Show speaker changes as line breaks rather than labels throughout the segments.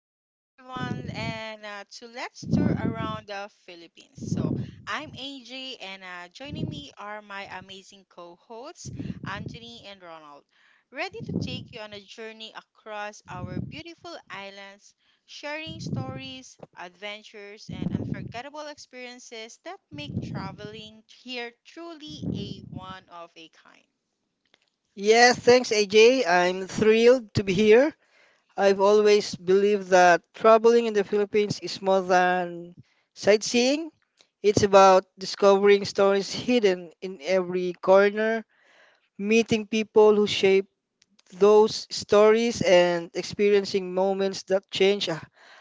Welcome everyone and to Let's Tour Around the Philippines. So I'm AJ and joining me are my amazing co-hosts Anthony and Ronald. Ready to take you on a journey across our beautiful islands, sharing stories, adventures, and unforgettable experiences that make traveling here truly a one of a kind.
Yes, thanks, AJ. I'm thrilled to be here. I've always believed that traveling in the Philippines is more than sightseeing. It's about discovering stories hidden in every corner, meeting people who shape those stories, and experiencing moments that change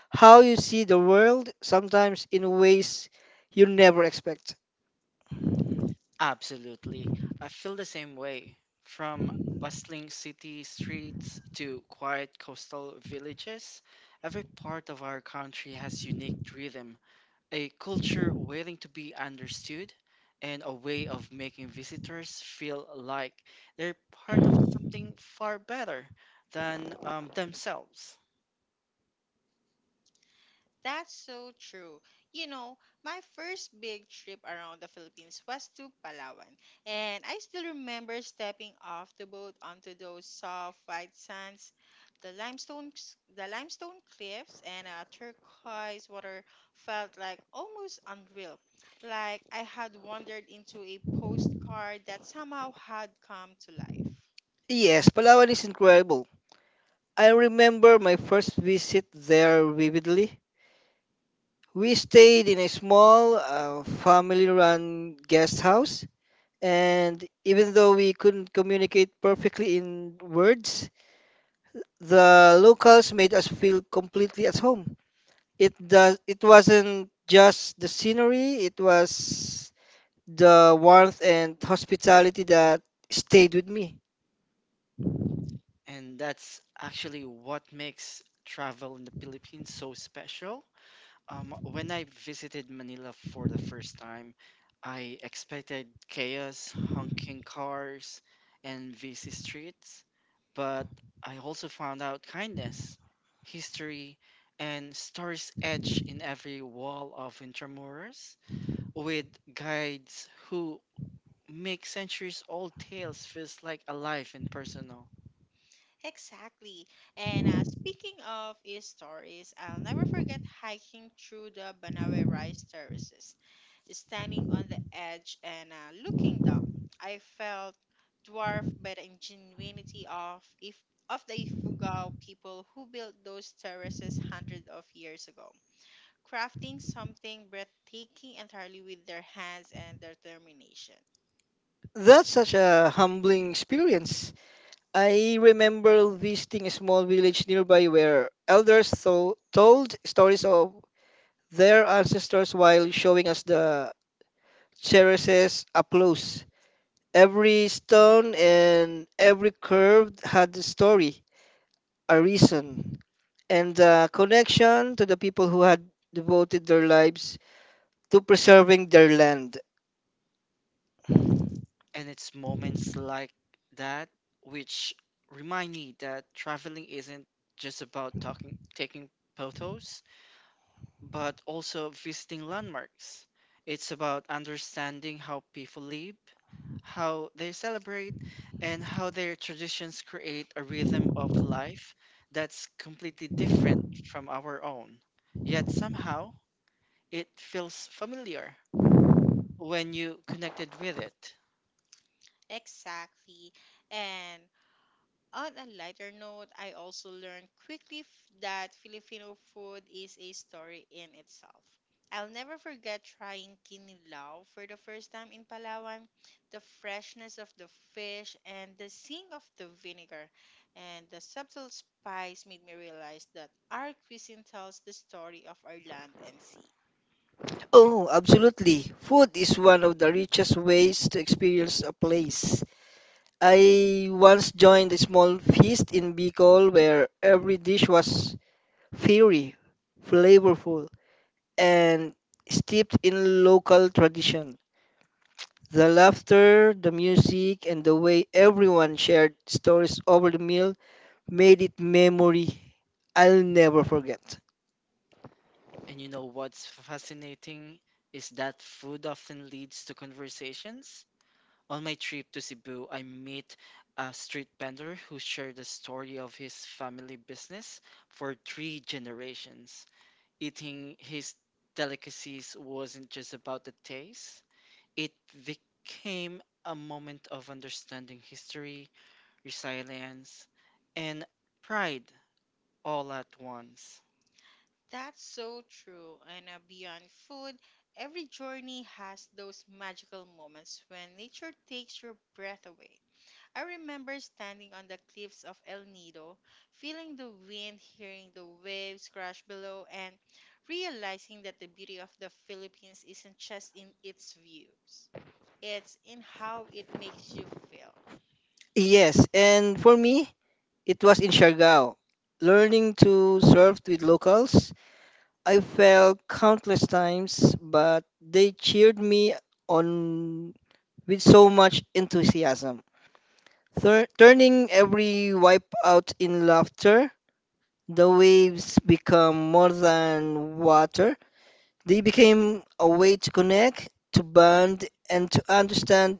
how you see the world, sometimes in ways you never expect.
Absolutely. I feel the same way. From bustling city streets to quiet coastal villages, every part of our country has unique rhythm, a culture waiting to be understood, and a way of making visitors feel like they're part of something far better than themselves.
That's so true. You know, my first big trip around the Philippines was to Palawan, and I still remember stepping off the boat onto those soft white sands, the limestone the limestone cliffs and turquoise water felt like almost unreal, like I had wandered into a postcard that somehow had come to life.
Yes, Palawan is incredible. I remember my first visit there vividly. We stayed in a small, family run guest house, and even though we couldn't communicate perfectly in words, the locals made us feel completely at home. It wasn't just the scenery, it was the warmth and hospitality that stayed with me.
And that's actually what makes travel in the Philippines so special. When I visited Manila for the first time, I expected chaos, honking cars, and busy streets, but I also found out kindness, history, and stories etched in every wall of Intramuros, with guides who make centuries-old tales feels like alive and personal.
Exactly. And speaking of e stories, I'll never forget hiking through the Banawe rice terraces, standing on the edge and looking down. I felt dwarfed by the ingenuity of if of the Ifugao people who built those terraces hundreds of years ago, crafting something breathtaking entirely with their hands and their determination.
That's such a humbling experience. I remember visiting a small village nearby where elders told stories of their ancestors while showing us the terraces up close. Every stone and every curve had a story, a reason, and a connection to the people who had devoted their lives to preserving their land.
And it's moments like that which remind me that traveling isn't just about talking, taking photos, but also visiting landmarks. It's about understanding how people live, how they celebrate, and how their traditions create a rhythm of life that's completely different from our own. Yet somehow it feels familiar when you connected with it.
Exactly. And On a lighter note, I also learned quickly that Filipino food is a story in itself. I'll never forget trying kinilaw for the first time in Palawan. The freshness of the fish and the sing of the vinegar and the subtle spice made me realize that our cuisine tells the story of our land and sea.
Oh, absolutely. Food is one of the richest ways to experience a place. I once joined a small feast in Bicol where every dish was fiery, flavorful, and steeped in local tradition. The laughter, the music, and the way everyone shared stories over the meal made it memory I'll never forget.
And you know what's fascinating is that food often leads to conversations. On my trip to Cebu, I meet a street vendor who shared the story of his family business for three generations. Eating his delicacies wasn't just about the taste, it became a moment of understanding history, resilience, and pride all at once.
That's so true. And beyond food, every journey has those magical moments when nature takes your breath away. I remember standing on the cliffs of El Nido, feeling the wind, hearing the waves crash below, and realizing that the beauty of the Philippines isn't just in its views, it's in how it makes you feel.
Yes, and for me, it was in Siargao. Learning to surf with locals, I fell countless times, but they cheered me on with so much enthusiasm. Turning every wipe out in laughter, the waves become more than water. They became a way to connect, to bond, and to understand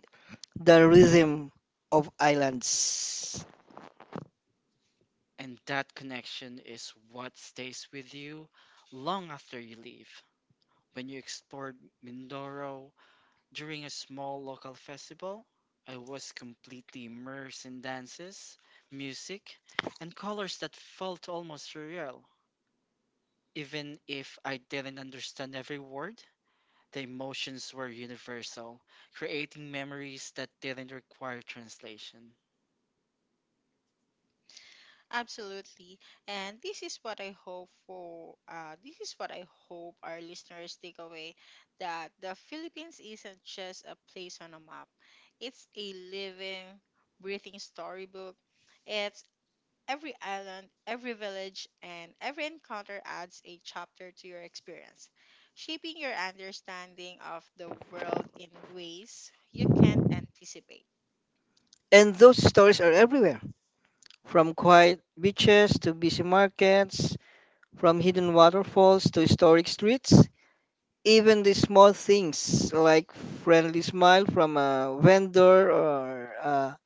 the rhythm of islands.
And that connection is what stays with you long after you leave. When you explored Mindoro during a small local festival, I was completely immersed in dances, music, and colors that felt almost surreal. Even if I didn't understand every word, the emotions were universal, creating memories that didn't require translation.
Absolutely. And this is what I hope our listeners take away, that the Philippines isn't just a place on a map. It's a living, breathing storybook. It's Every island, every village, and every encounter adds a chapter to your experience, shaping your understanding of the world in ways you can't anticipate.
And those stories are everywhere, from quiet beaches to busy markets, from hidden waterfalls to historic streets. Even the small things like friendly smile from a vendor or a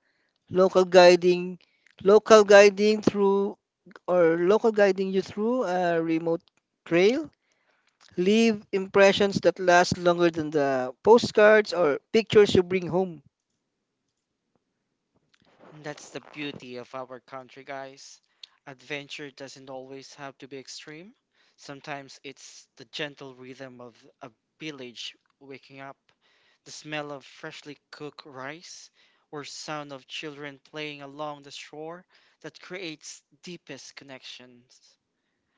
local guiding local guiding through local guiding you through a remote trail leave impressions that last longer than the postcards or pictures you bring home.
That's the beauty of our country, guys. Adventure doesn't always have to be extreme. Sometimes it's the gentle rhythm of a village waking up, the smell of freshly cooked rice, or sound of children playing along the shore that creates deepest connections,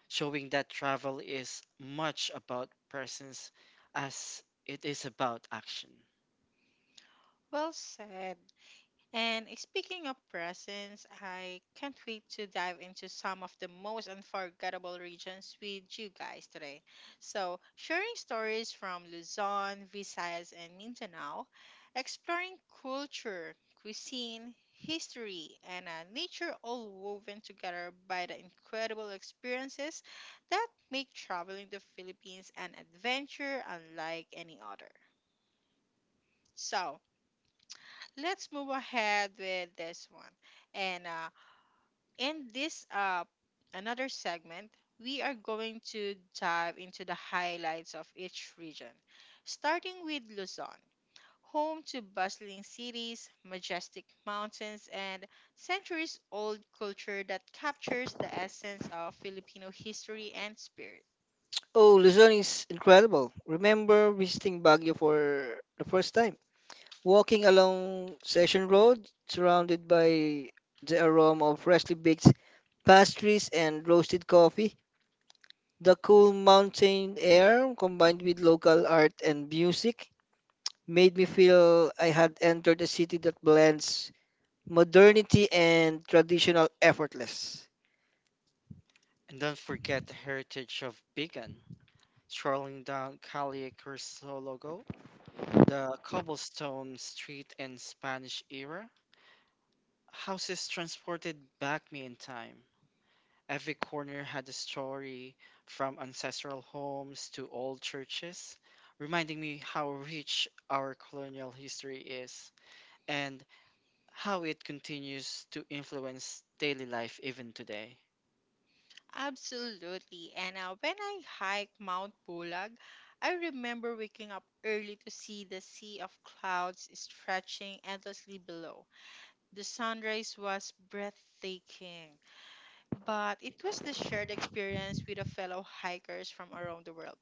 showing that travel is much about presence as it is about action.
Well said. And speaking of presents, I can't wait to dive into some of the most unforgettable regions with you guys today. So, sharing stories from Luzon, Visayas, and Mindanao, exploring culture, cuisine, history, and nature all woven together by the incredible experiences that make traveling the Philippines an adventure unlike any other. So, let's move ahead with this one. And In this another segment, we are going to dive into the highlights of each region, starting with Luzon, home to bustling cities, majestic mountains, and centuries old culture that captures the essence of Filipino history and spirit.
Oh, Luzon is incredible. Remember visiting Baguio for the first time, walking along Session Road, surrounded by the aroma of freshly baked pastries and roasted coffee. The cool mountain air combined with local art and music made me feel I had entered a city that blends modernity and traditional effortless.
And don't forget the heritage of Bigan. Strolling down Calle Crisologo, the cobblestone street in Spanish era, houses transported back me in time. Every corner had a story, from ancestral homes to old churches, reminding me how rich our colonial history is and how it continues to influence daily life even today.
Absolutely. And when I hiked Mount Bulag, I remember waking up early to see the sea of clouds stretching endlessly below. The sunrise was breathtaking, but it was the shared experience with the fellow hikers from around the world,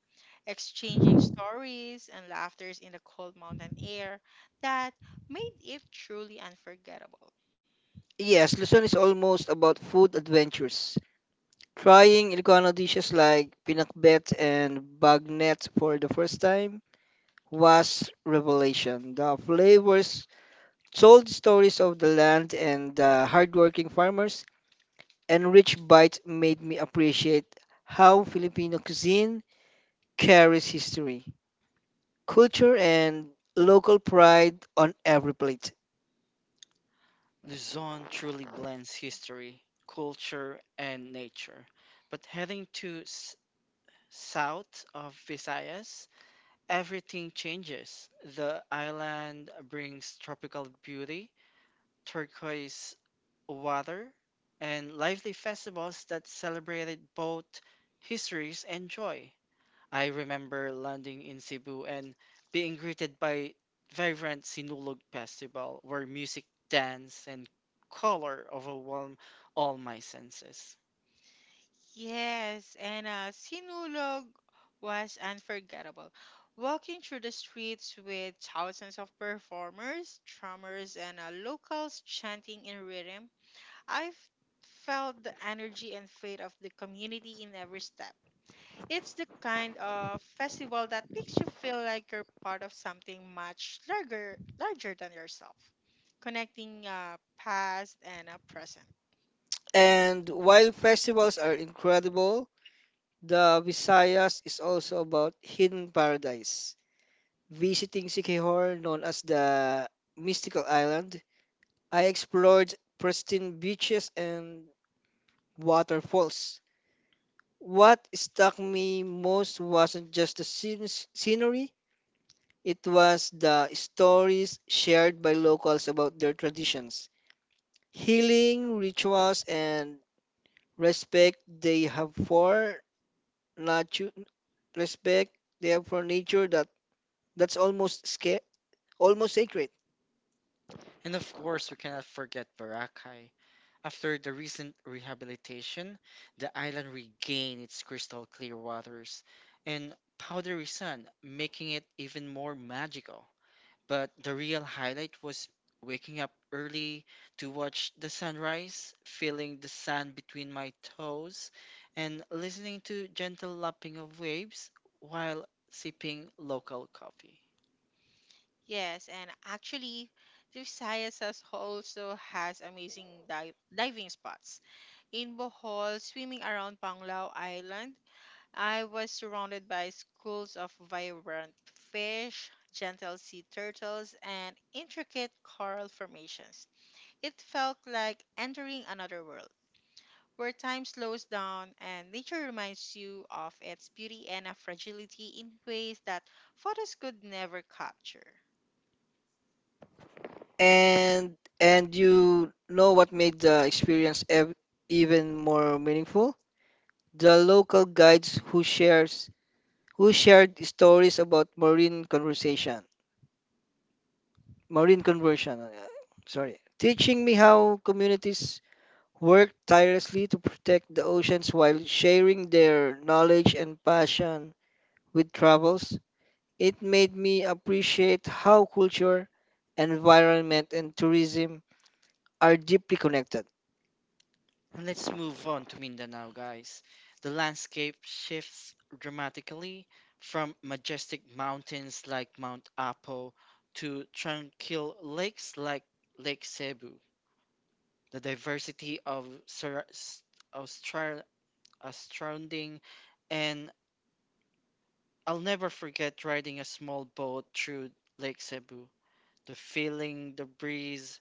exchanging stories and laughters in the cold mountain air that made it truly unforgettable.
Yes, Luzon is almost about food adventures. Trying Ilocano dishes like pinakbet and bagnet for the first time was revelation. The flavors told stories of the land and the hardworking farmers, and rich bite made me appreciate how Filipino cuisine carries history, culture, and local pride on every plate.
Luzon truly blends history, culture, and nature. But heading to south of Visayas, everything changes. The island brings tropical beauty, turquoise water, and lively festivals that celebrated both histories and joy. I remember landing in Cebu and being greeted by vibrant Sinulog Festival, where music, dance, and color overwhelm all my senses.
Yes, and Sinulog was unforgettable. Walking through the streets with thousands of performers, drummers, and locals chanting in rhythm, I've felt the energy and faith of the community in every step. It's the kind of festival that makes you feel like you're part of something much larger, larger than yourself, connecting past and present.
And while festivals are incredible, the Visayas is also about hidden paradise. Visiting Siquijor, known as the mystical island, I explored pristine beaches and waterfalls. What struck me most wasn't just the scenery, it was the stories shared by locals about their traditions, healing rituals, and respect they have for nature respect they have for nature that that's almost sca- almost sacred.
And of course, we cannot forget Boracay. After the recent rehabilitation, the island regained its crystal clear waters and powdery sun, making it even more magical. But the real highlight was waking up early to watch the sunrise, feeling the sand between my toes, and listening to gentle lapping of waves while sipping local coffee.
Yes, and actually, the Visayas has also has amazing diving spots. In Bohol, swimming around Panglao Island, I was surrounded by schools of vibrant fish, gentle sea turtles, and intricate coral formations. It felt like entering another world, where time slows down and nature reminds you of its beauty and a fragility in ways that photos could never capture.
And and you know what made the experience even more meaningful? The local guides who shares who shared stories about marine conversion, sorry, teaching me how communities worked tirelessly to protect the oceans while sharing their knowledge and passion with travels. It made me appreciate how culture, environment, and tourism are deeply connected.
And let's move on to Mindanao, guys. The landscape shifts dramatically from majestic mountains like Mount Apo to tranquil lakes like Lake Cebu. The diversity of, of stra- surrounding, and I'll never forget riding a small boat through Lake Cebu. The feeling, the breeze,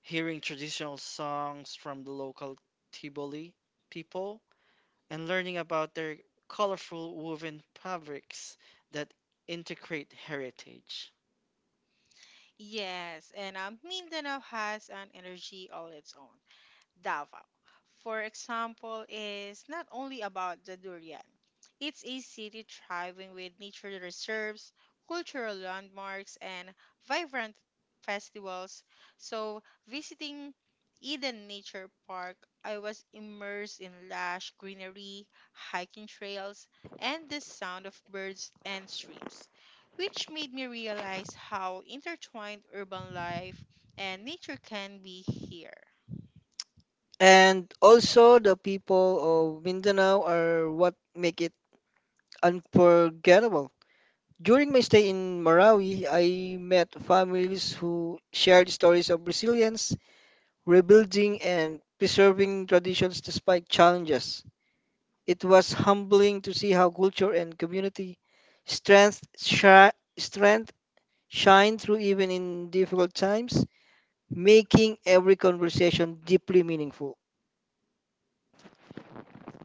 hearing traditional songs from the local Tiboli people and learning about their colorful woven fabrics that integrate heritage.
Yes, and Mindanao has an energy all its own. Davao, for example, is not only about the durian. It's a city thriving with nature reserves, cultural landmarks, and vibrant festivals. So, visiting Eden Nature Park, I was immersed in lush greenery, hiking trails, and the sound of birds and streams, which made me realize how intertwined urban life and nature can be here.
And also, the people of Mindanao are what make it unforgettable. During my stay in Marawi, I met families who shared stories of resilience, rebuilding, and preserving traditions despite challenges. It was humbling to see how culture and community strength shine through even in difficult times, making every conversation deeply meaningful.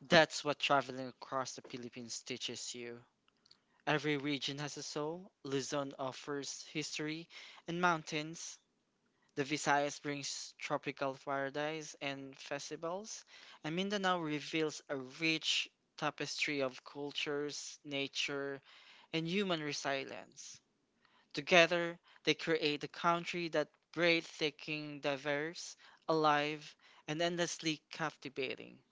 That's what traveling across the Philippines teaches you. Every region has a soul. Luzon offers history and mountains. The Visayas brings tropical paradise and festivals. And Mindanao reveals a rich tapestry of cultures, nature, and human resilience. Together, they create a country that breathes thinking, diverse, alive, and endlessly captivating.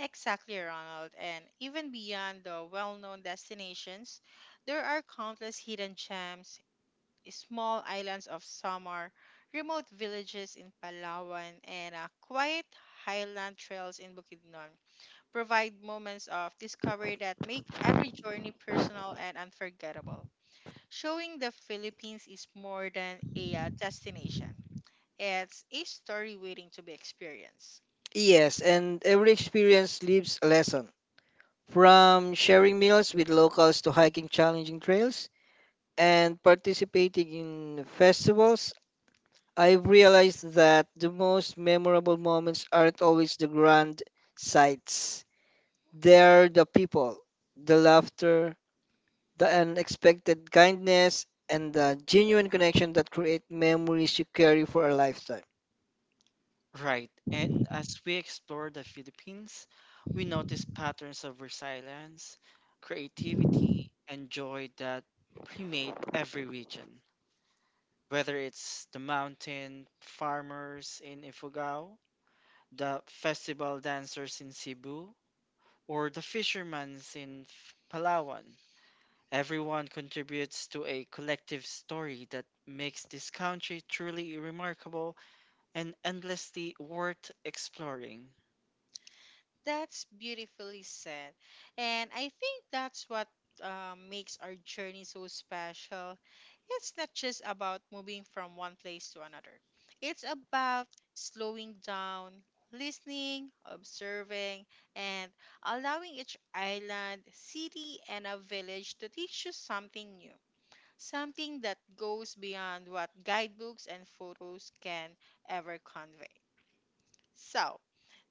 Exactly, Ronald. And even beyond the well known destinations, there are countless hidden gems, small islands of summer, remote villages in Palawan, and quiet highland trails in Bukidnon provide moments of discovery that make every journey personal and unforgettable. Showing the Philippines is more than a destination, it's a story waiting to be experienced.
Yes, and every experience leaves a lesson. From sharing meals with locals to hiking challenging trails and participating in festivals, I've realized that the most memorable moments aren't always the grand sights. They're the people, the laughter, the unexpected kindness, and the genuine connection that create memories you carry for a lifetime.
Right, and as we explore the Philippines, we notice patterns of resilience, creativity, and joy that permeate every region. Whether it's the mountain farmers in Ifugao, the festival dancers in Cebu, or the fishermen in Palawan, everyone contributes to a collective story that makes this country truly remarkable and endlessly worth exploring.
That's beautifully said. And I think that's what makes our journey so special. It's not just about moving from one place to another, it's about slowing down, listening, observing, and allowing each island, city, and a village to teach you something new. Something that goes beyond what guidebooks and photos can ever convey. So,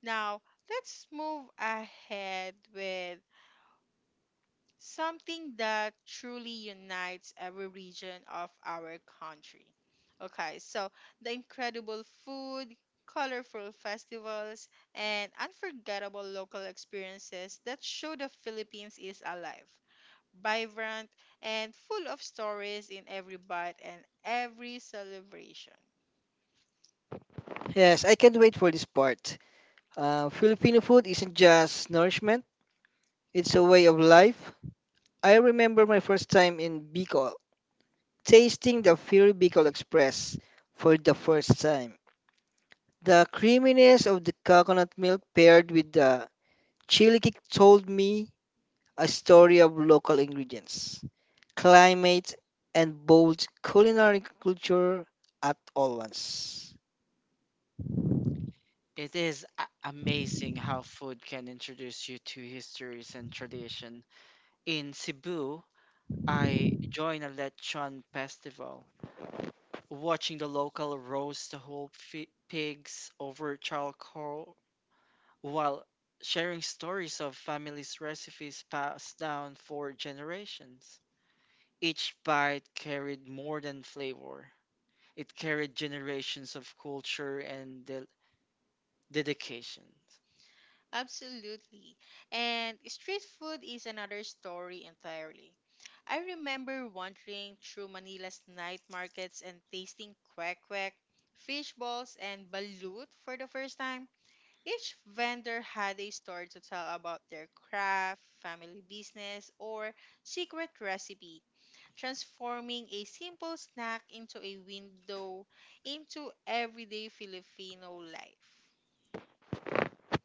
now, let's move ahead with something that truly unites every region of our country. Okay, so the incredible food, colorful festivals, and unforgettable local experiences that show the Philippines is alive, vibrant, and full of stories in every bite and every celebration.
Yes, I can't wait for this part. Filipino food isn't just nourishment, it's a way of life. I remember my first time in Bicol, tasting the Fury Bicol Express for the first time. The creaminess of the coconut milk paired with the chili kick told me a story of local ingredients, climate, and bold culinary culture at all once.
It is amazing how food can introduce you to histories and tradition. In Cebu, I joined a lechon festival, watching the local roast the whole pigs over charcoal while sharing stories of families' recipes passed down for generations. Each bite carried more than flavor. It carried generations of culture and dedication.
Absolutely. And street food is another story entirely. I remember wandering through Manila's night markets and tasting quack quack, fish balls, and balut for the first time. Each vendor had a story to tell about their craft, family business, or secret recipe, transforming a simple snack into a window into everyday Filipino life.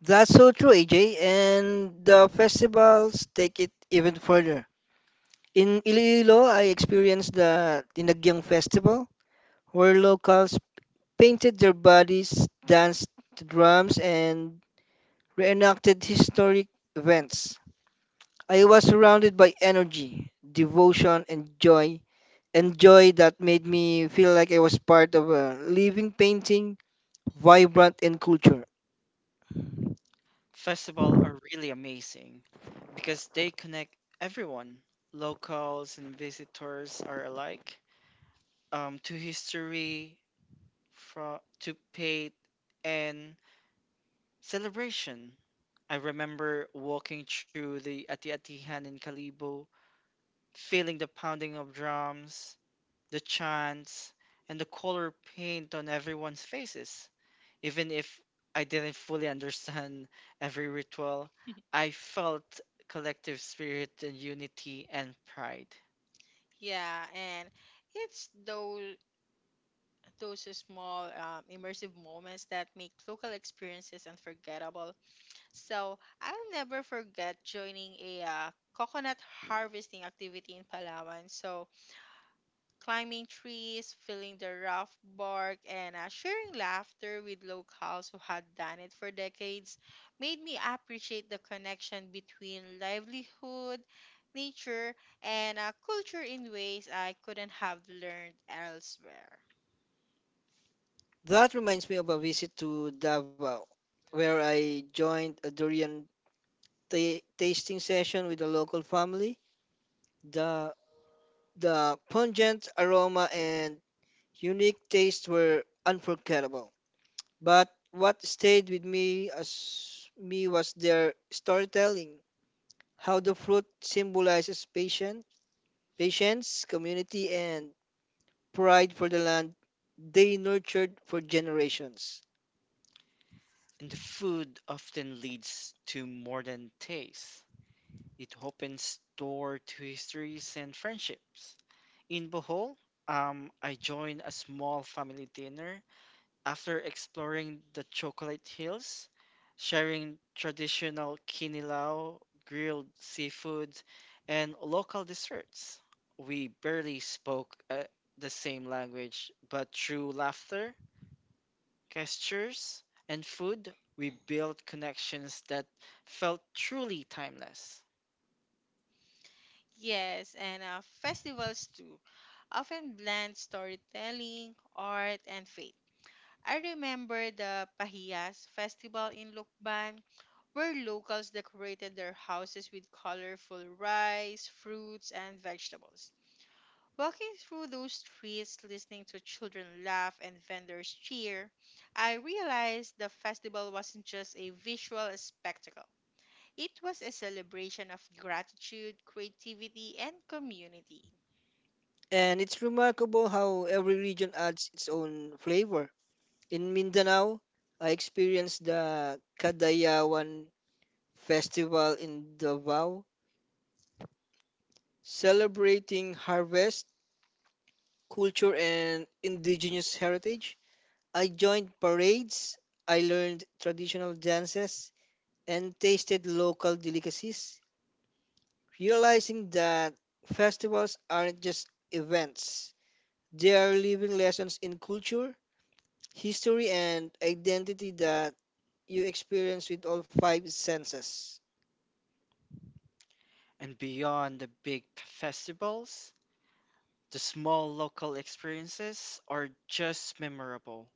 That's so true, AJ. And the festivals take it even further. In Iloilo, I experienced the Dinagyang Festival, where locals painted their bodies, danced to drums, and reenacted historic events. I was surrounded by energy, devotion, and joy that made me feel like I was part of a living painting vibrant in culture.
Festivals are really amazing because they connect everyone, locals and visitors are alike, to history, to faith, and celebration. I remember walking through the Ati Atihan in Kalibo feeling the pounding of drums, the chants, and the color paint on everyone's faces. Even if I didn't fully understand every ritual, I felt collective spirit and unity and pride.
Yeah, and it's those small immersive moments that make local experiences unforgettable. So I'll never forget joining a coconut harvesting activity in Palawan. So climbing trees, feeling the rough bark, and sharing laughter with locals who had done it for decades made me appreciate the connection between livelihood, nature, and culture in ways I couldn't have learned elsewhere.
That reminds me of a visit to Davao, where I joined a durian tasting session with a local family. The the pungent aroma and unique taste were unforgettable. But what stayed with me as me was their storytelling, how the fruit symbolizes patience, community, and pride for the land they nurtured for generations.
And the food often leads to more than taste. It opens door to histories and friendships. In Bohol, I joined a small family dinner after exploring the chocolate hills, sharing traditional kinilaw, grilled seafood, and local desserts, we barely spoke the same language, but through laughter, gestures, and food, we built connections that felt truly timeless.
Yes, and festivals too often blend storytelling, art, and faith. I remember the Pahiyas festival in Lukban, where locals decorated their houses with colorful rice, fruits, and vegetables. Walking through those streets, listening to children laugh and vendors cheer, I realized the festival wasn't just a visual spectacle. It was a celebration of gratitude, creativity, and community.
And it's remarkable how every region adds its own flavor. In Mindanao, I experienced the Kadayawan Festival in Davao, celebrating harvest, culture, and indigenous heritage. I joined parades, I learned traditional dances, and tasted local delicacies, realizing that festivals aren't just events, they are living lessons in culture, history, and identity that you experience with all five senses.
And beyond the big festivals, the small local experiences are just memorable.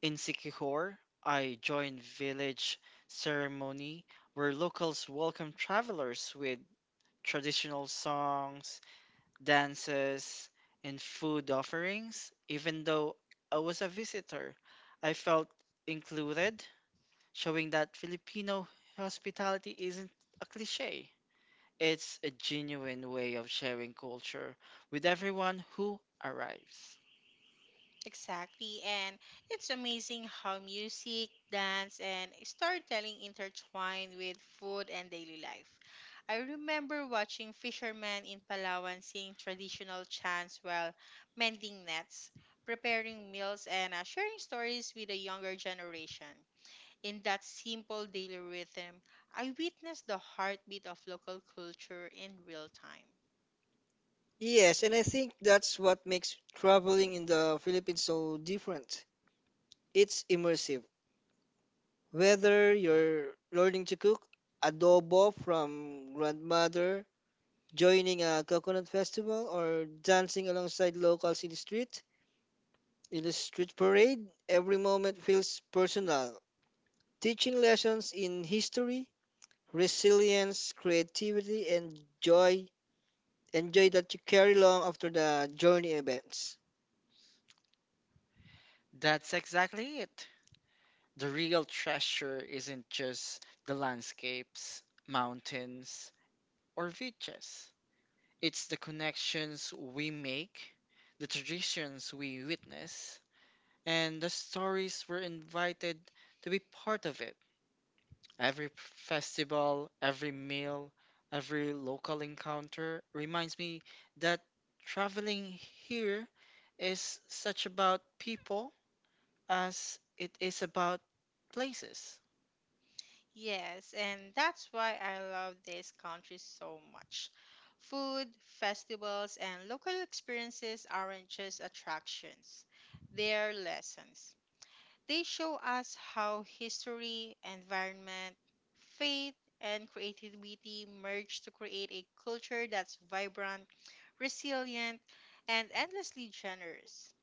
In Sikihor, I joined village ceremony where locals welcome travelers with traditional songs, dances, and food offerings. Even though I was a visitor, I felt included, showing that Filipino hospitality isn't a cliche. It's a genuine way of sharing culture with everyone who arrives.
Exactly, and it's amazing how music, dance, and storytelling intertwine with food and daily life. I remember watching fishermen in Palawan sing traditional chants while mending nets, preparing meals, and sharing stories with the younger generation. In that simple daily rhythm, I witnessed the heartbeat of local culture in real time.
Yes, and I think that's what makes traveling in the Philippines so different. It's immersive. Whether you're learning to cook adobo from grandmother, joining a coconut festival, or dancing alongside locals in the street parade, every moment feels personal, teaching lessons in history, resilience, creativity, and joy that you carry along after the journey events.
That's exactly it. The real treasure isn't just the landscapes, mountains, or beaches. It's the connections we make, the traditions we witness, and the stories we're invited to be part of it. Every festival, every meal, every local encounter reminds me that traveling here is such about people as it is about places.
Yes, and that's why I love this country so much. Food, festivals, and local experiences aren't just attractions, they're lessons. They show us how history, environment, faith, and creativity merge to create a culture that's vibrant, resilient, and endlessly generous.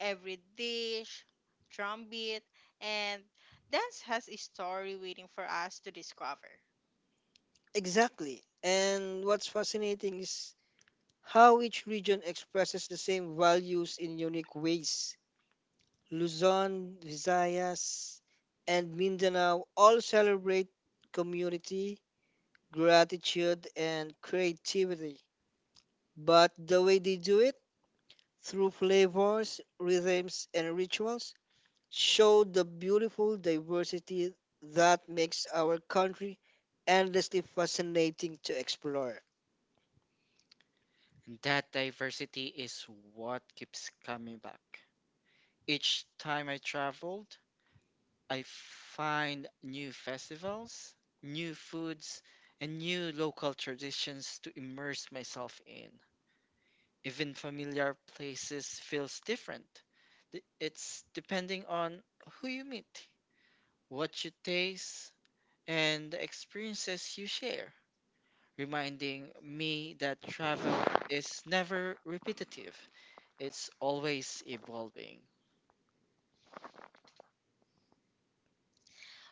Every dish, drumbeat, and dance has a story waiting for us to discover.
Exactly. And what's fascinating is how each region expresses the same values in unique ways. Luzon, Visayas, and Mindanao all celebrate community, gratitude, and creativity. But the way they do it, through flavors, rhythms, and rituals, show the beautiful diversity that makes our country endlessly fascinating to explore.
That diversity is what keeps coming back. Each time I traveled, I find new festivals, new foods, and new local traditions to immerse myself in. Even familiar places feels different. It's depending on who you meet, what you taste, and the experiences you share, reminding me that travel is never repetitive. It's always evolving.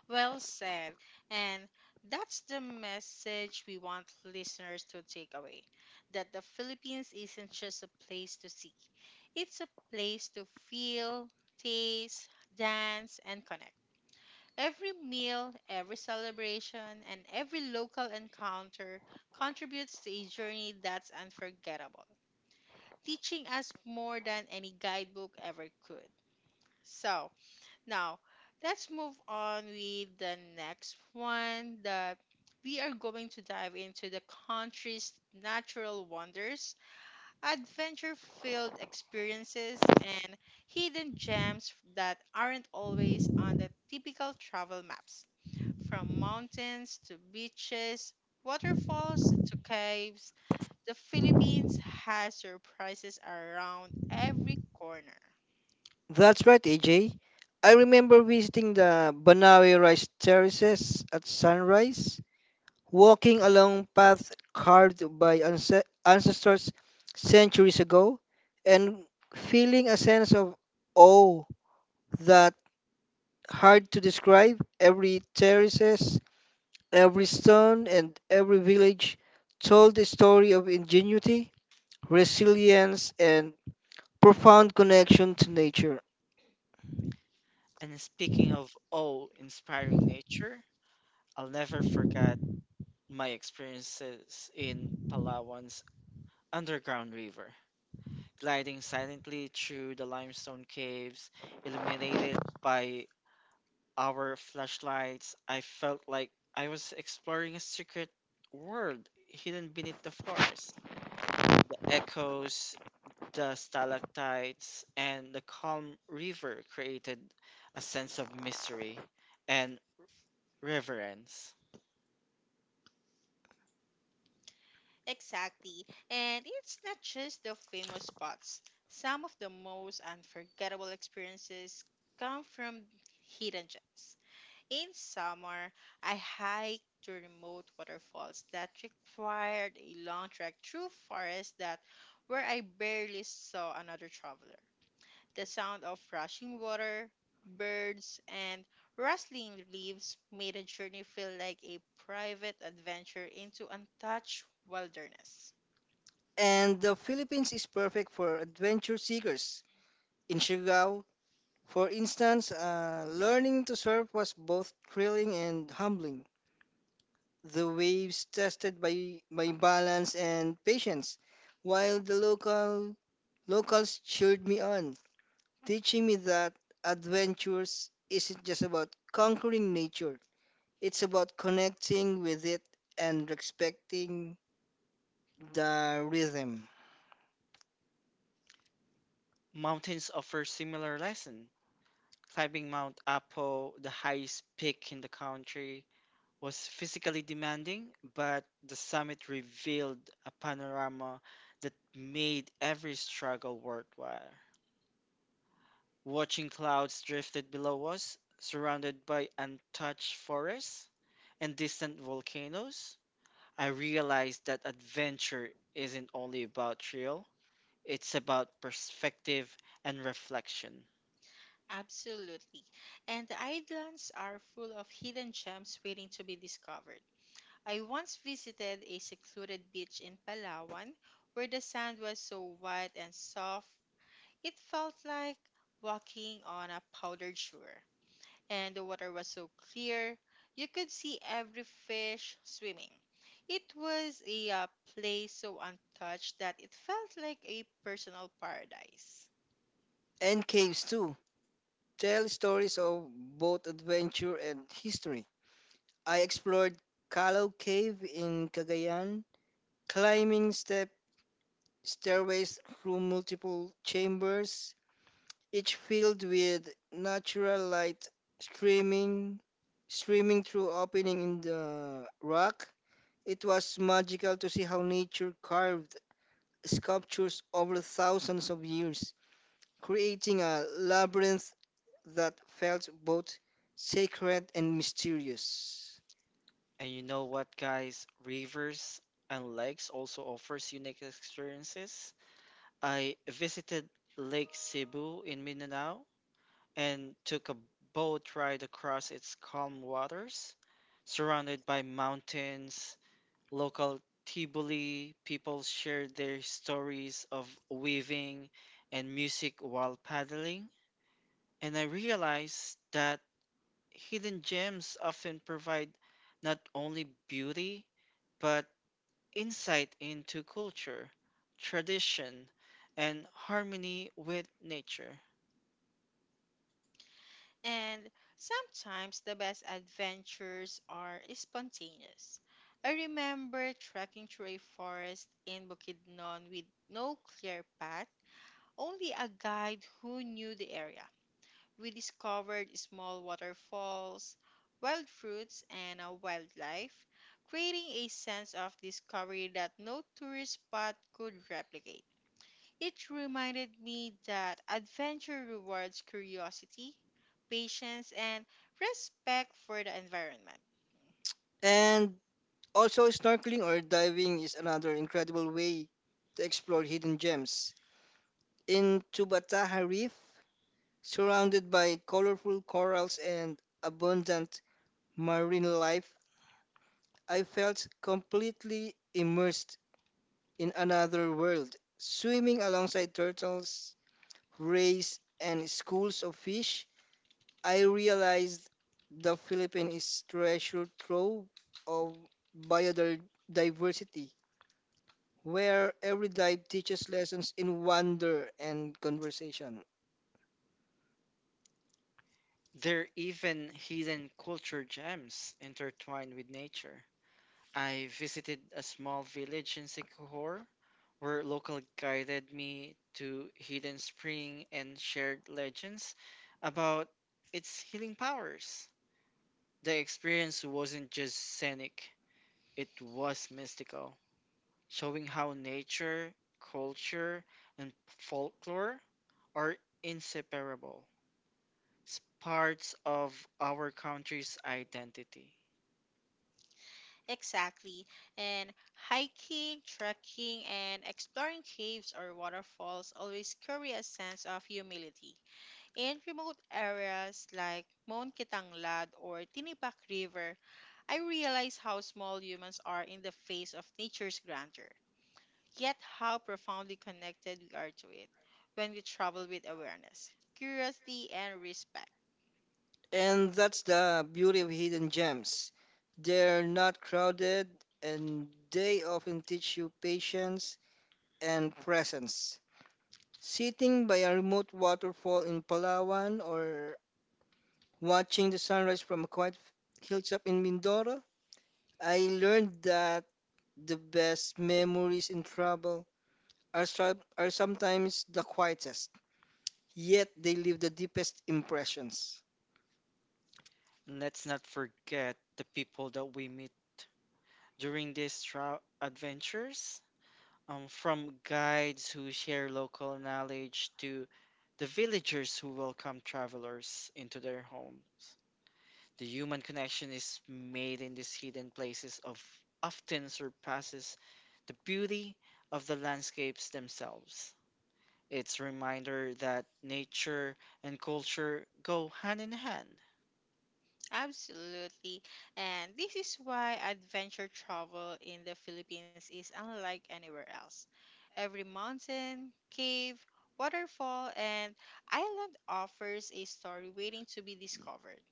Well said. And that's the message we want listeners to take away, that the Philippines isn't just a place to see, it's a place to feel, taste, dance, and connect. Every meal, every celebration, and every local encounter contributes to a journey that's unforgettable, teaching us more than any guidebook ever could. So, now let's move on with the next one, that we are going to dive into the country's natural wonders, adventure filled experiences, and hidden gems that aren't always on the typical travel maps. From mountains to beaches, waterfalls to caves, the Philippines has surprises around every corner.
That's right, AJ. I remember visiting the Banawe rice terraces at sunrise, walking along paths carved by ancestors centuries ago, and feeling a sense of awe that hard to describe. Every stone and every village told a story of ingenuity, resilience, and profound connection to nature.
And speaking of oh, inspiring nature, I'll never forget my experiences in Palawan's underground river, gliding silently through the limestone caves, illuminated by our flashlights. I felt like I was exploring a secret world hidden beneath the forest. The echoes. The stalactites and the calm river created a sense of mystery and reverence.
Exactly. And it's not just the famous spots. Some of the most unforgettable experiences come from hidden gems. In summer, I hiked to remote waterfalls that required a long trek through forests that where I barely saw another traveler. The sound of rushing water, birds, and rustling leaves made the journey feel like a private adventure into untouched wilderness.
And the Philippines is perfect for adventure seekers. In Siargao, for instance, learning to surf was both thrilling and humbling. The waves tested by balance and patience, while the locals cheered me on, teaching me that adventures isn't just about conquering nature, it's about connecting with it and respecting the rhythm.
Mountains offer similar lesson. Climbing Mount Apo, the highest peak in the country, was physically demanding, but the summit revealed a panorama that made every struggle worthwhile. Watching clouds drifted below us, surrounded by untouched forests and distant volcanoes, I realized that adventure isn't only about thrill, it's about perspective and reflection.
Absolutely. And the islands are full of hidden gems waiting to be discovered. I once visited a secluded beach in Palawan where the sand was so white and soft, it felt like walking on a powdered shore, and the water was so clear you could see every fish swimming. It was a place so untouched that it felt like a personal paradise.
And caves, too, tell stories of both adventure and history. I explored Callao Cave in Cagayan, climbing step stairways through multiple chambers, each filled with natural light streaming streaming through opening in the rock. It was magical to see how nature carved sculptures over thousands of years, creating a labyrinth that felt both sacred and mysterious.
And you know what, guys? Rivers and lakes also offers unique experiences. I visited Lake Cebu in Mindanao and took a boat ride across its calm waters, surrounded by mountains. Local Tiboli people shared their stories of weaving and music while paddling, and I realized that hidden gems often provide not only beauty but insight into culture, tradition, and harmony with nature.
And sometimes the best adventures are spontaneous. I remember trekking through a forest in Bukidnon with no clear path, only a guide who knew the area. We discovered small waterfalls, wild fruits, and a wildlife, creating a sense of discovery that no tourist spot could replicate. It reminded me that adventure rewards curiosity, patience, and respect for the environment.
And also, snorkeling or diving is another incredible way to explore hidden gems. In Tubataha, surrounded by colorful corals and abundant marine life, I felt completely immersed in another world. Swimming alongside turtles, rays, and schools of fish, I realized the Philippines is treasure trove of biodiversity, where every dive teaches lessons in wonder and conversation.
There are even hidden culture gems intertwined with nature. I visited a small village in Sikihor where local guided me to hidden spring and shared legends about its healing powers. The experience wasn't just scenic, it was mystical, showing how nature, culture, and folklore are inseparable, parts of our country's identity.
Exactly. And hiking, trekking, and exploring caves or waterfalls always carry a sense of humility. In remote areas like Mount Kitanglad or Tinipak River, I realize how small humans are in the face of nature's grandeur, yet how profoundly connected we are to it when we travel with awareness, curiosity, and respect.
And that's the beauty of hidden gems. They're not crowded, and they often teach you patience and presence. Sitting by a remote waterfall in Palawan or watching the sunrise from a quiet hilltop in Mindoro, I learned that the best memories in travel are sometimes the quietest, yet they leave the deepest impressions.
And let's not forget the people that we meet during these adventures. From guides who share local knowledge to the villagers who welcome travelers into their homes. The human connection is made in these hidden places of often surpasses the beauty of the landscapes themselves. It's a reminder that nature and culture go hand in hand.
Absolutely. And this is why adventure travel in the Philippines is unlike anywhere else. Every mountain, cave, waterfall, and island offers a story waiting to be discovered,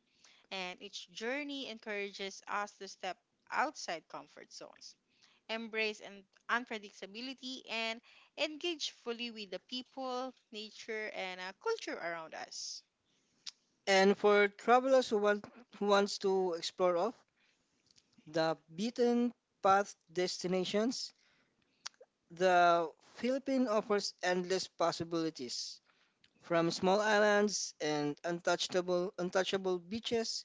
and each journey encourages us to step outside comfort zones, embrace and unpredictability, and engage fully with the people, nature, and culture around us.
And for travelers who wants to explore off the beaten path destinations, the Philippines offers endless possibilities. From small islands and untouchable beaches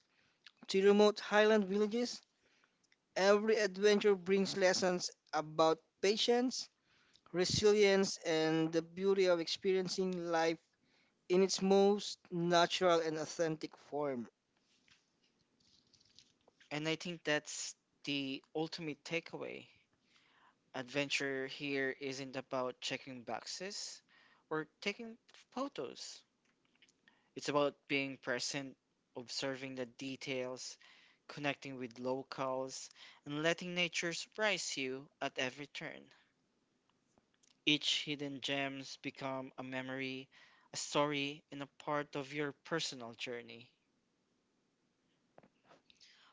to remote highland villages, every adventure brings lessons about patience, resilience, and the beauty of experiencing life in its most natural and authentic form.
And I think that's the ultimate takeaway. Adventure here isn't about checking boxes or taking photos. It's about being present, observing the details, connecting with locals, and letting nature surprise you at every turn. Each hidden gems become a memory, a story, and a part of your personal journey.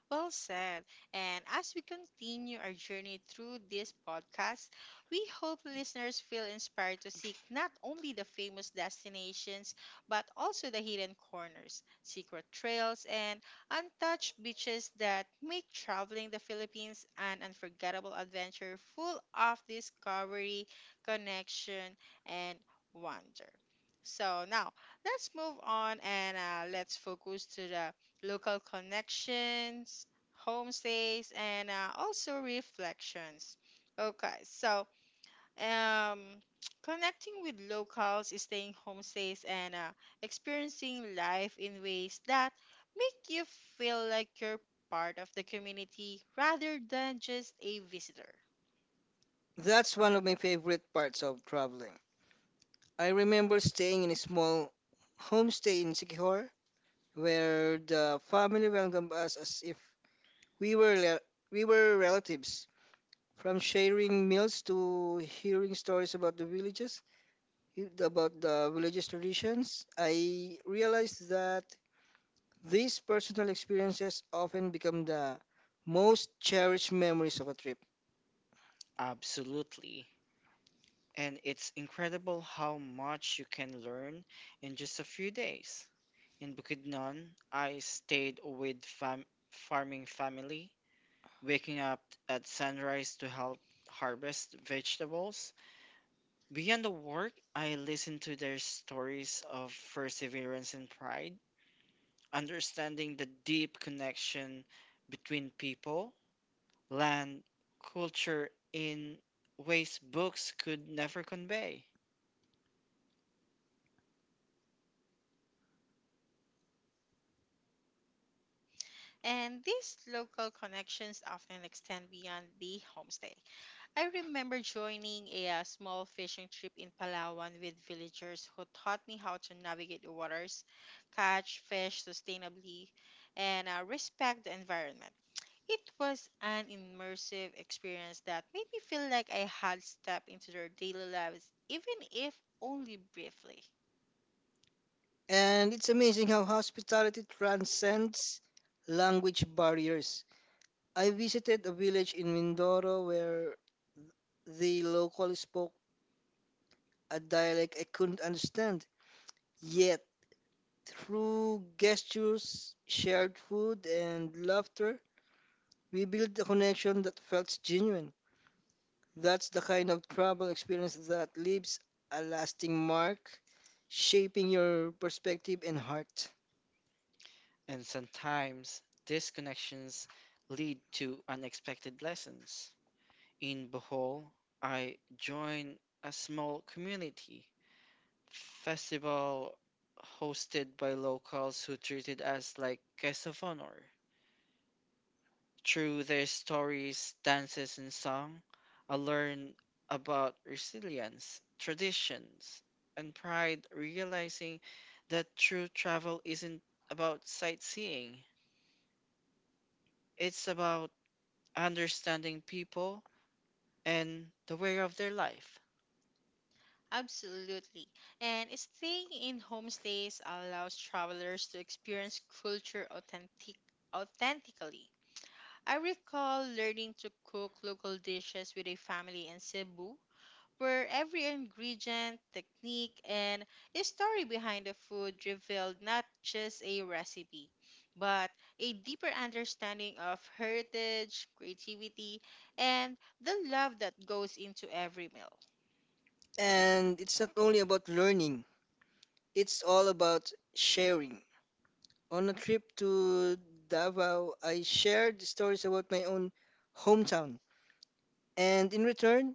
Well said. And as we continue our journey through this podcast, we hope listeners feel inspired to seek not only the famous destinations, but also the hidden corners, secret trails, and untouched beaches that make traveling the Philippines an unforgettable adventure full of discovery, connection, and wonder. So now let's move on and let's focus to the local connections, homestays, and also reflections. Okay, so um, connecting with locals, staying homestays, and experiencing life in ways that make you feel like you're part of the community rather than just a visitor.
That's one of my favorite parts of traveling. I remember staying in a small homestay in Sikihor, where the family welcomed us as if we were le- we were relatives. From sharing meals to hearing stories about the villages traditions, I realized that these personal experiences often become the most cherished memories of a trip.
Absolutely. And it's incredible how much you can learn in just a few days. In Bukidnon, I stayed with farming family, waking up at sunrise to help harvest vegetables. Beyond the work, I listened to their stories of perseverance and pride, understanding the deep connection between people, land, culture in ways books could never convey.
And these local connections often extend beyond the homestay. I remember joining a small fishing trip in Palawan with villagers who taught me how to navigate the waters, catch fish sustainably, and respect the environment. It was an immersive experience that made me feel like I had stepped into their daily lives, even if only briefly.
And it's amazing how hospitality transcends language barriers. I visited a village in Mindoro where the locals spoke a dialect I couldn't understand. Yet, through gestures, shared food, and laughter, we built a connection that felt genuine. That's the kind of travel experience that leaves a lasting mark, shaping your perspective and heart.
And sometimes these connections lead to unexpected lessons. In Bohol, I joined a small community festival hosted by locals who treated us like guests of honor. Through their stories, dances, and song, I learned about resilience, traditions, and pride, realizing that true travel isn't about sightseeing. It's about understanding people and the way of their life.
Absolutely. And staying in homestays allows travelers to experience culture authentically. I recall learning to cook local dishes with a family in Cebu, where every ingredient, technique, and the story behind the food revealed not just a recipe, but a deeper understanding of heritage, creativity, and the love that goes into every meal.
And it's not only about learning, it's all about sharing. On a trip to Davao, I shared stories about my own hometown. And in return,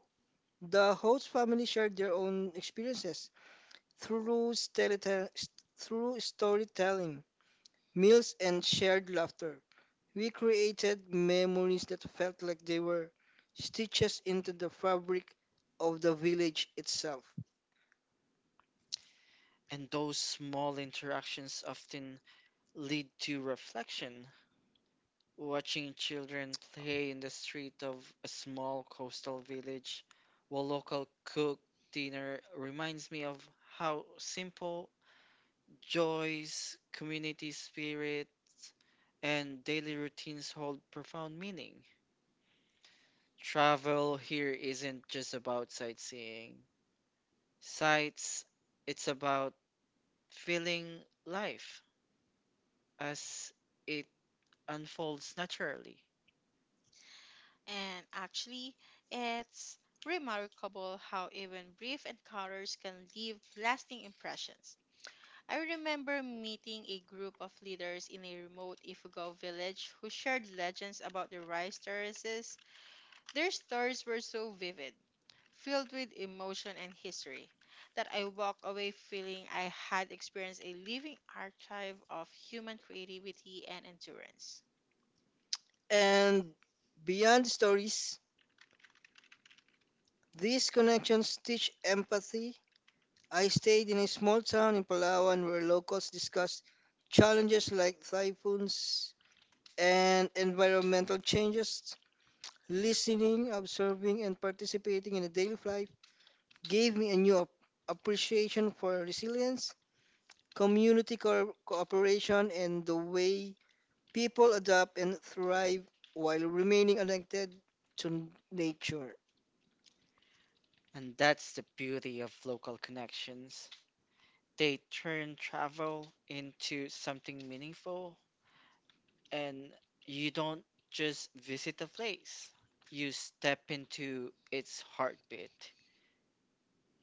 the host family shared their own experiences through, stelita- s- through storytelling, meals, and shared laughter. We created memories that felt like they were stitches into the fabric of the village itself.
And those small interactions often lead to reflection. Watching children play in the street of a small coastal village while local cook dinner reminds me of how simple joys, community spirit, and daily routines hold profound meaning. Travel here isn't just about sightseeing, sights, it's about feeling life as it unfolds naturally.
And actually, it's remarkable how even brief encounters can leave lasting impressions. I remember meeting a group of leaders in a remote Ifugao village who shared legends about the rice terraces. Their stories were so vivid, filled with emotion and history, that I walked away feeling I had experienced a living archive of human creativity and endurance.
And beyond stories, these connections teach empathy. I stayed in a small town in Palawan where locals discussed challenges like typhoons and environmental changes. Listening, observing, and participating in the daily life gave me a new appreciation for resilience, community cooperation, and the way people adapt and thrive while remaining connected to nature.
And that's the beauty of local connections. They turn travel into something meaningful, and you don't just visit a place, you step into its heartbeat.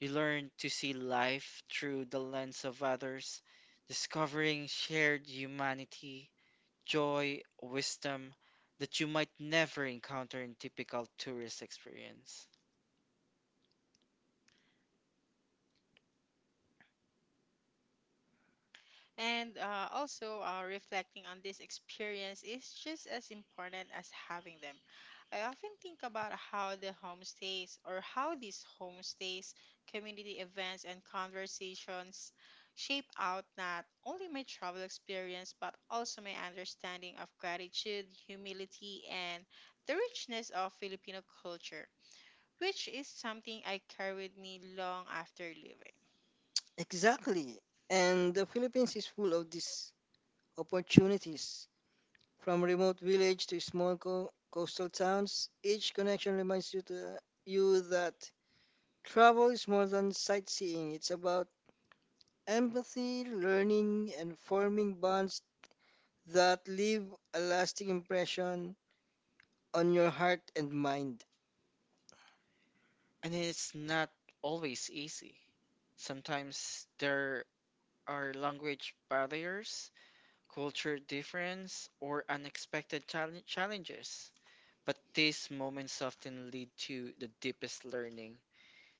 You learn to see life through the lens of others, discovering shared humanity, joy, wisdom that you might never encounter in typical tourist experience.
And reflecting on this experience is just as important as having them. I often think about how the homestays or how these homestays, community events, and conversations shape out not only my travel experience but also my understanding of gratitude, humility, and the richness of Filipino culture, which is something I carry with me long after leaving.
Exactly. And the Philippines is full of these opportunities. From remote village to small coastal towns, each connection reminds you that travel is more than sightseeing. It's about empathy, learning, and forming bonds that leave a lasting impression on your heart and mind.
And it's not always easy. Sometimes there are language barriers, culture difference, or unexpected challenges. But these moments often lead to the deepest learning.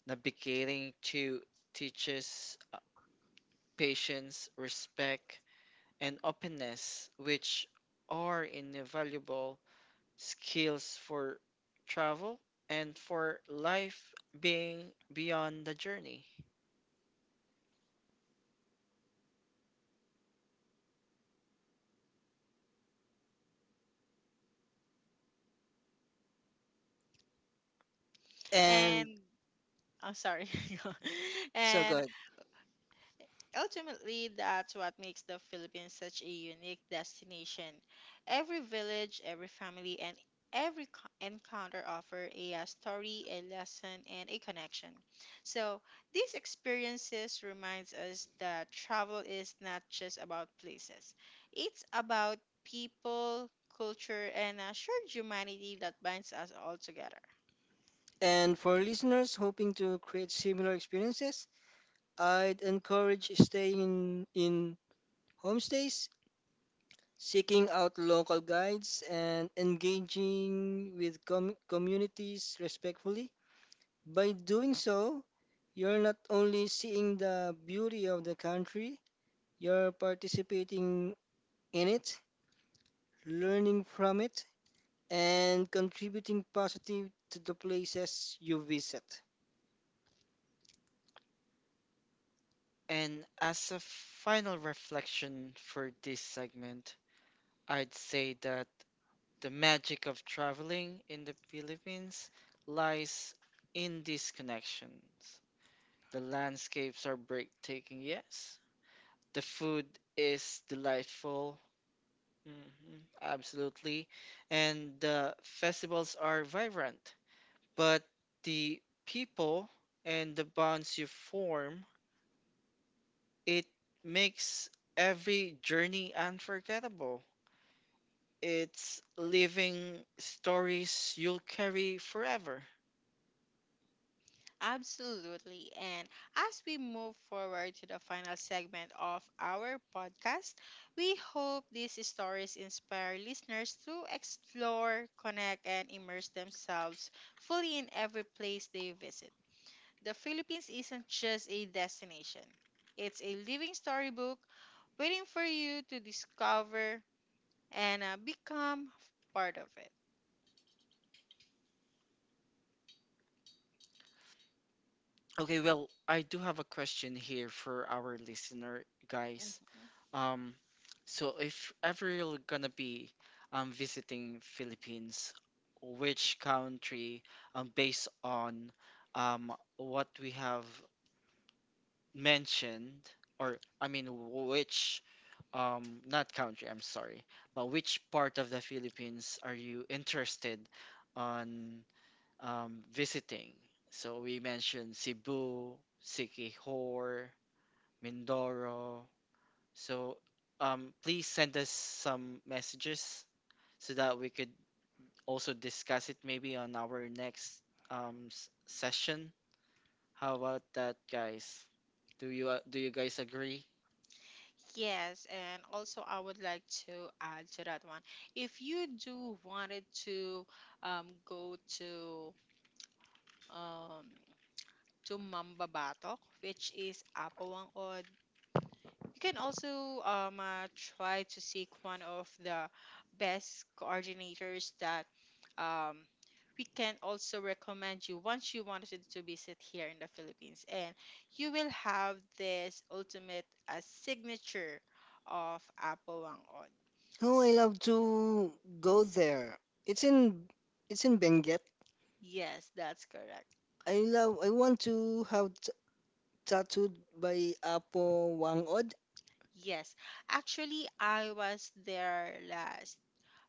Navigating to teaches patience, respect, and openness, which are invaluable skills for travel, and for life being beyond the journey.
And
And I'm sorry.
so
And
good.
ultimately, that's what makes the Philippines such a unique destination. Every village, every family, and encounter offer a story, a lesson, and a connection. So, these experiences reminds us that travel is not just about places. It's about people, culture, and a shared humanity that binds us all together.
And for listeners hoping to create similar experiences, I'd encourage staying in homestays, seeking out local guides, and engaging with communities respectfully. By doing so, you're not only seeing the beauty of the country, you're participating in it, learning from it, and contributing positive to the places you visit.
And as a final reflection for this segment, I'd say that the magic of traveling in the Philippines lies in these connections. The landscapes are breathtaking, yes. The food is delightful, mhm, absolutely. And the festivals are vibrant, but the people and the bonds you form, it makes every journey unforgettable. It's living stories you'll carry forever.
Absolutely. And as we move forward to the final segment of our podcast, we hope these stories inspire listeners to explore, connect, and immerse themselves fully in every place they visit. The Philippines isn't just a destination, it's a living storybook waiting for you to discover and become part of it.
Okay, well, I do have a question here for our listener, guys.
Mm-hmm.
Um, so if ever you're gonna be visiting Philippines, which country, based on what we have mentioned, or I mean which not country, I'm sorry, but which part of the Philippines are you interested on visiting? So we mentioned Cebu, Siquijor, Mindoro. So please send us some messages so that we could also discuss it maybe on our next session. How about that, guys? Do you guys agree?
Yes, and also I would like to add to that one. If you do wanted to go um, to Mambabatok, which is Apawang, or you can also try to seek one of the best coordinators that um, we can also recommend you once you wanted to visit here in the Philippines. And you will have this ultimate signature of Apple Wangod.
Oh, I
S-
love to go there. It's in it's in Benguet.
Yes, that's correct.
I want to have tattooed by Apo Wangod.
Yes. Actually, I was there last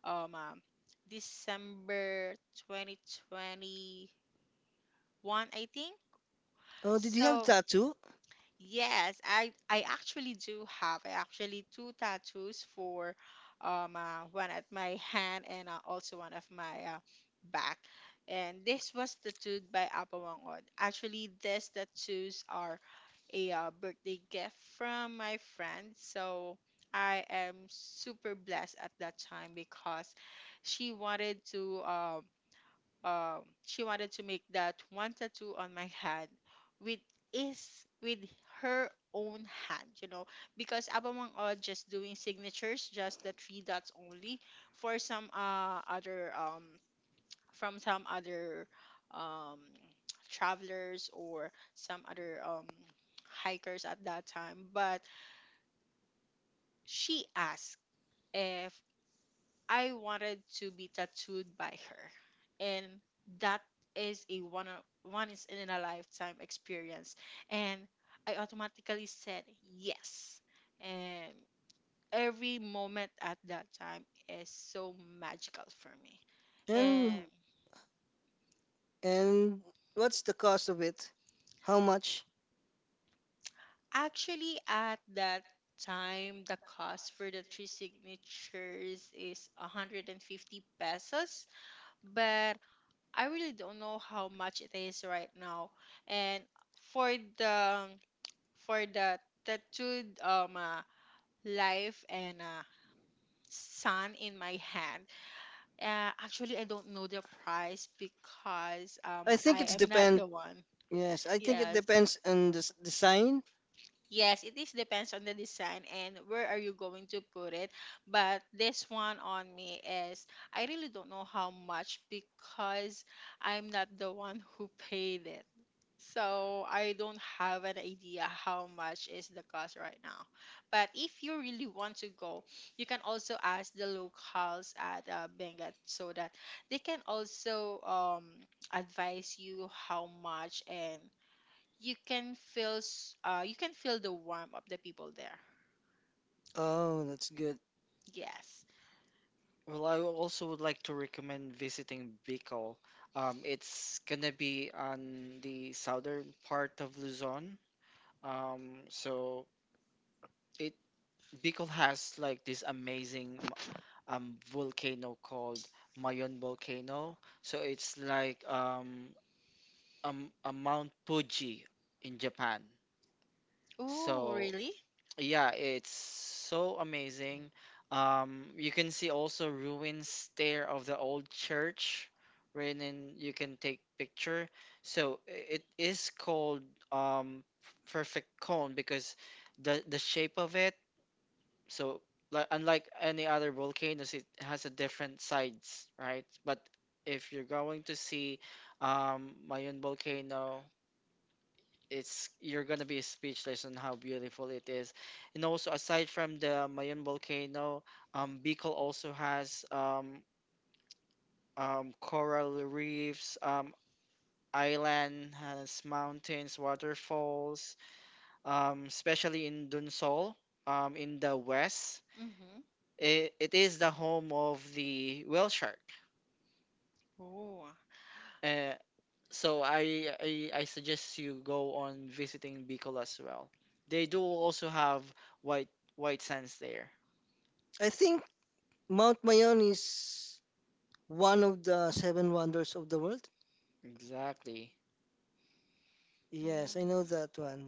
um, um December 2021, I think.
Oh, did you have
So
tattoo?
yes, I actually do have. I actually two tattoos for one at my hand and also one of my back. And this was tattooed by Apa Wangod. Actually, these tattoos are a birthday gift from my friend. So I am super blessed at that time because she wanted to um she wanted to make that one tattoo on my hand with with her own hand, you know, because Abamang Odd just doing signatures, just the three dots only for some other from some other um travelers or some other hikers at that time, but she asked if I wanted to be tattooed by her. And that is a one of- one is in a lifetime experience. And I automatically said yes. And every moment at that time is so magical for me.
And
And
and what's the cost of it? How much?
actually at that time the cost for the three signatures is 150 pesos, but I really don't know how much it is right now. And for the tattooed life and sun in my hand, actually I don't know the price because
I think it's
I am not
depend.
the one.
Yes, I think it
Yes.
depends on the design.
Yes, it is depends on the design and where are you going to put it. But this one on me is, I really don't know how much because I'm not the one who paid it. So I don't have an idea how much is the cost right now. But if you really want to go, you can also ask the locals at Benguet so that they can also advise you how much, and you can feel you can feel the warmth of the people there.
Oh, that's good.
Yes.
Well, I would also would like to recommend visiting Bicol. It's gonna be on the southern part of Luzon. So it Bicol has like this amazing volcano called Mayon volcano. So it's like a Mount Fuji in Japan.
Oh,
So
really?
yeah, it's so amazing. You can see also ruins there of the old church, wherein you can take picture. So i- it is called um perfect cone because the shape of it. So like unlike any other volcanoes, it has a different sides, right? But if you're going to see Mayon volcano, it's you're gonna be speechless on how beautiful it is. And also aside from the Mayon volcano, Bicol also has coral reefs, island has mountains, waterfalls, especially in Dunsol, in the west.
Mm-hmm.
It is the home of the whale shark.
Oh.
Uh, so I suggest you go on visiting Bicol as well. They do also have white white sands there.
I think Mount Mayon is one of the seven wonders of the world.
Exactly.
Yes, I know
Mm-hmm.
that one.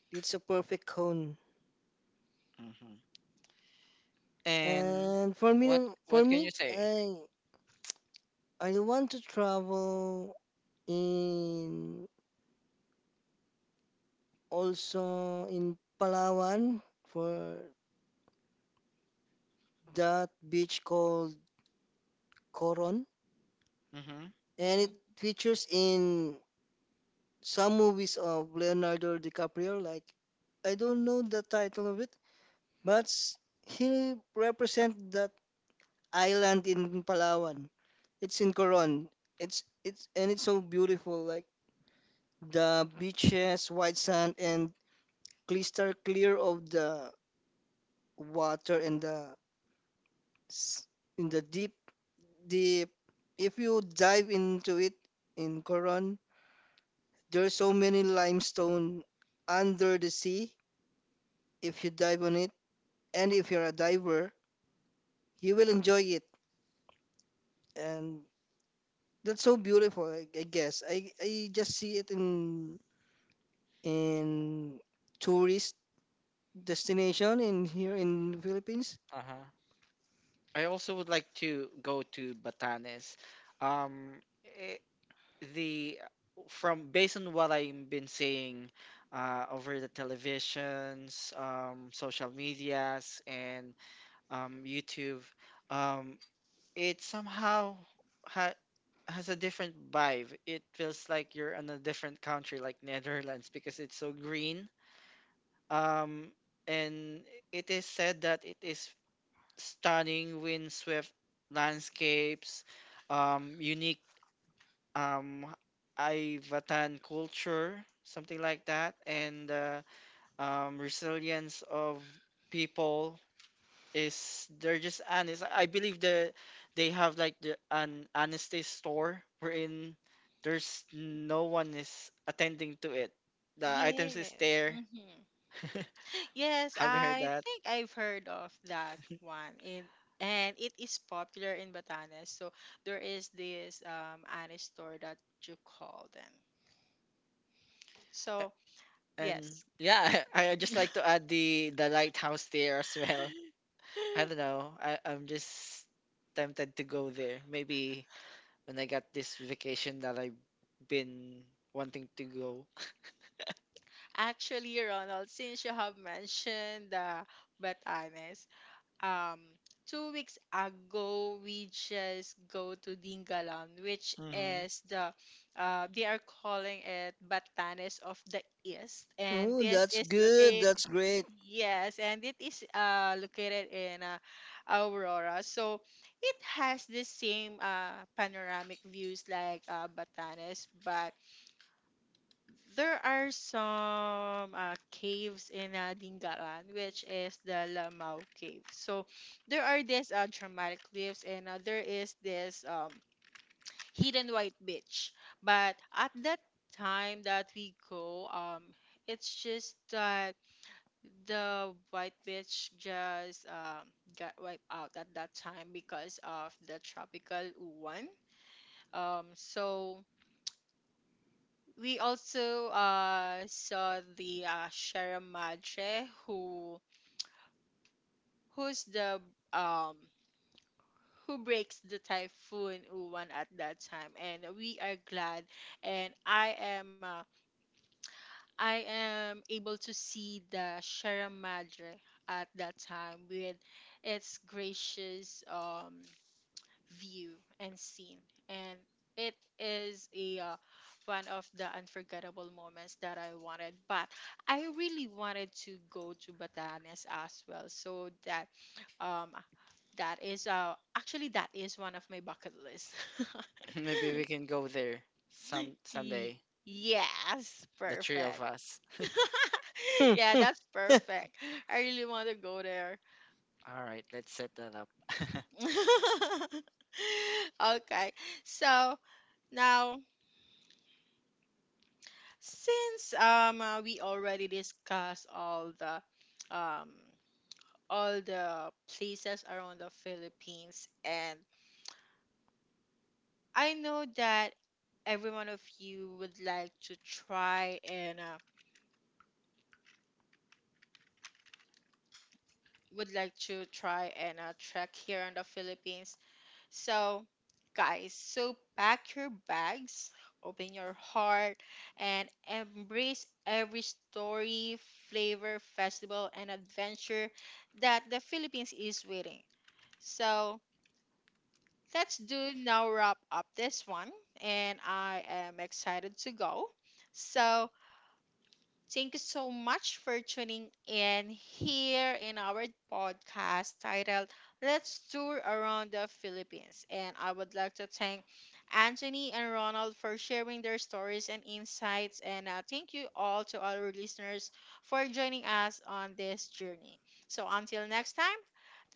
It's a perfect cone.
Hmm. And
And for
what
me,
can you say?
I want to travel in also in Palawan for that beach called Coron.
Hmm.
And it features in some movies of Leonardo DiCaprio. Like I don't know the title of it, but he represent that island in Palawan. It's in Coron. It's and it's so beautiful. Like the beaches, white sand, and crystal clear of the water and s- in the deep. If you dive into it in Coron, there's so many limestone under the sea if you dive on it, and if you're a diver, you will enjoy it. And that's so beautiful, I, guess. I just see it in in tourist destination in here in the Philippines.
Uh-huh. I also would like to go to Batanes. Eh, the From based on what I've been saying over the televisions, social medias, and YouTube, um, it somehow ha has a different vibe. It feels like you're in a different country, like Netherlands, because it's so green. Um, and it is said that it is stunning windswept landscapes, unique um, Ivatan culture, something like that, and resilience of people is they're just honest. I believe that they have like the, an honesty store wherein there's no one is attending to it. The items is
Yes.
there.
Mm-hmm. Yes,
Have you heard
I
that?
think I've heard of that one, in and it is popular in Batanes. So there is this Annie store that you call them.
A-
So
and
yes.
yeah, I just like to add the lighthouse there as well. I don't know. I'm just tempted to go there. Maybe when I got this vacation that I've been wanting to go.
Actually, Ronald, since you have mentioned the Batanes, um, 2 weeks ago we just go to Dingalan, which
Hmm.
is the they are calling it Batanes of the East,
Oh,
and
that's
this is
good.
located.
That's great.
Yes, and it is located in Aurora. So it has the same panoramic views like Batanes, but there are some caves in Dingalan, which is the Lamao Cave. So there are these dramatic cliffs, and there is this hidden white beach. But at that time that we go, it's just that the White Beach just got wiped out at that time because of the tropical one. So we also saw the Sierra Madre who's the um, who breaks the typhoon Uwan at that time, and we are glad. And I am able to see the Sierra Madre at that time with its gracious view and seen. And it is a one of the unforgettable moments that I wanted. But I really wanted to go to Batanes as well, so that um that is actually that is one of my bucket list.
Maybe we can go there
Y-
someday.
yes,
The three of
perfect.
us.
Yeah, that's perfect. I really want to go there.
All right, let's set that up.
Okay, so now, since we already discussed um all the places around the Philippines, and I know that every one of you would like to try and trek here in the Philippines. So, guys, so pack your bags, open your heart, and embrace every story, flavor, festival, and adventure that the Philippines is waiting. So, let's do now wrap up this one, and I am excited to go. So, thank you so much for tuning in here in our podcast titled Let's Tour Around the Philippines. And I would like to thank Anthony and Ronald for sharing their stories and insights. And thank you all to our listeners for joining us on this journey. So until next time,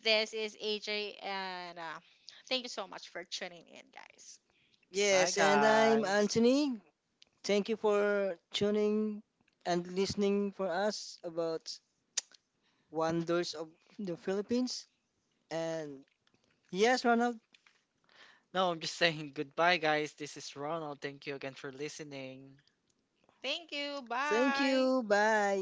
this is AJ, and thank you so much for tuning in, guys.
Yes,
Bye
and I'm
guys.
Anthony. Thank you for tuning and listening for us about wonders of the Philippines. And yes, Ronald,
No, I'm just saying goodbye, guys. This is Ronald. Thank you again for listening.
Thank you.
thank you.
Bye.
Bye.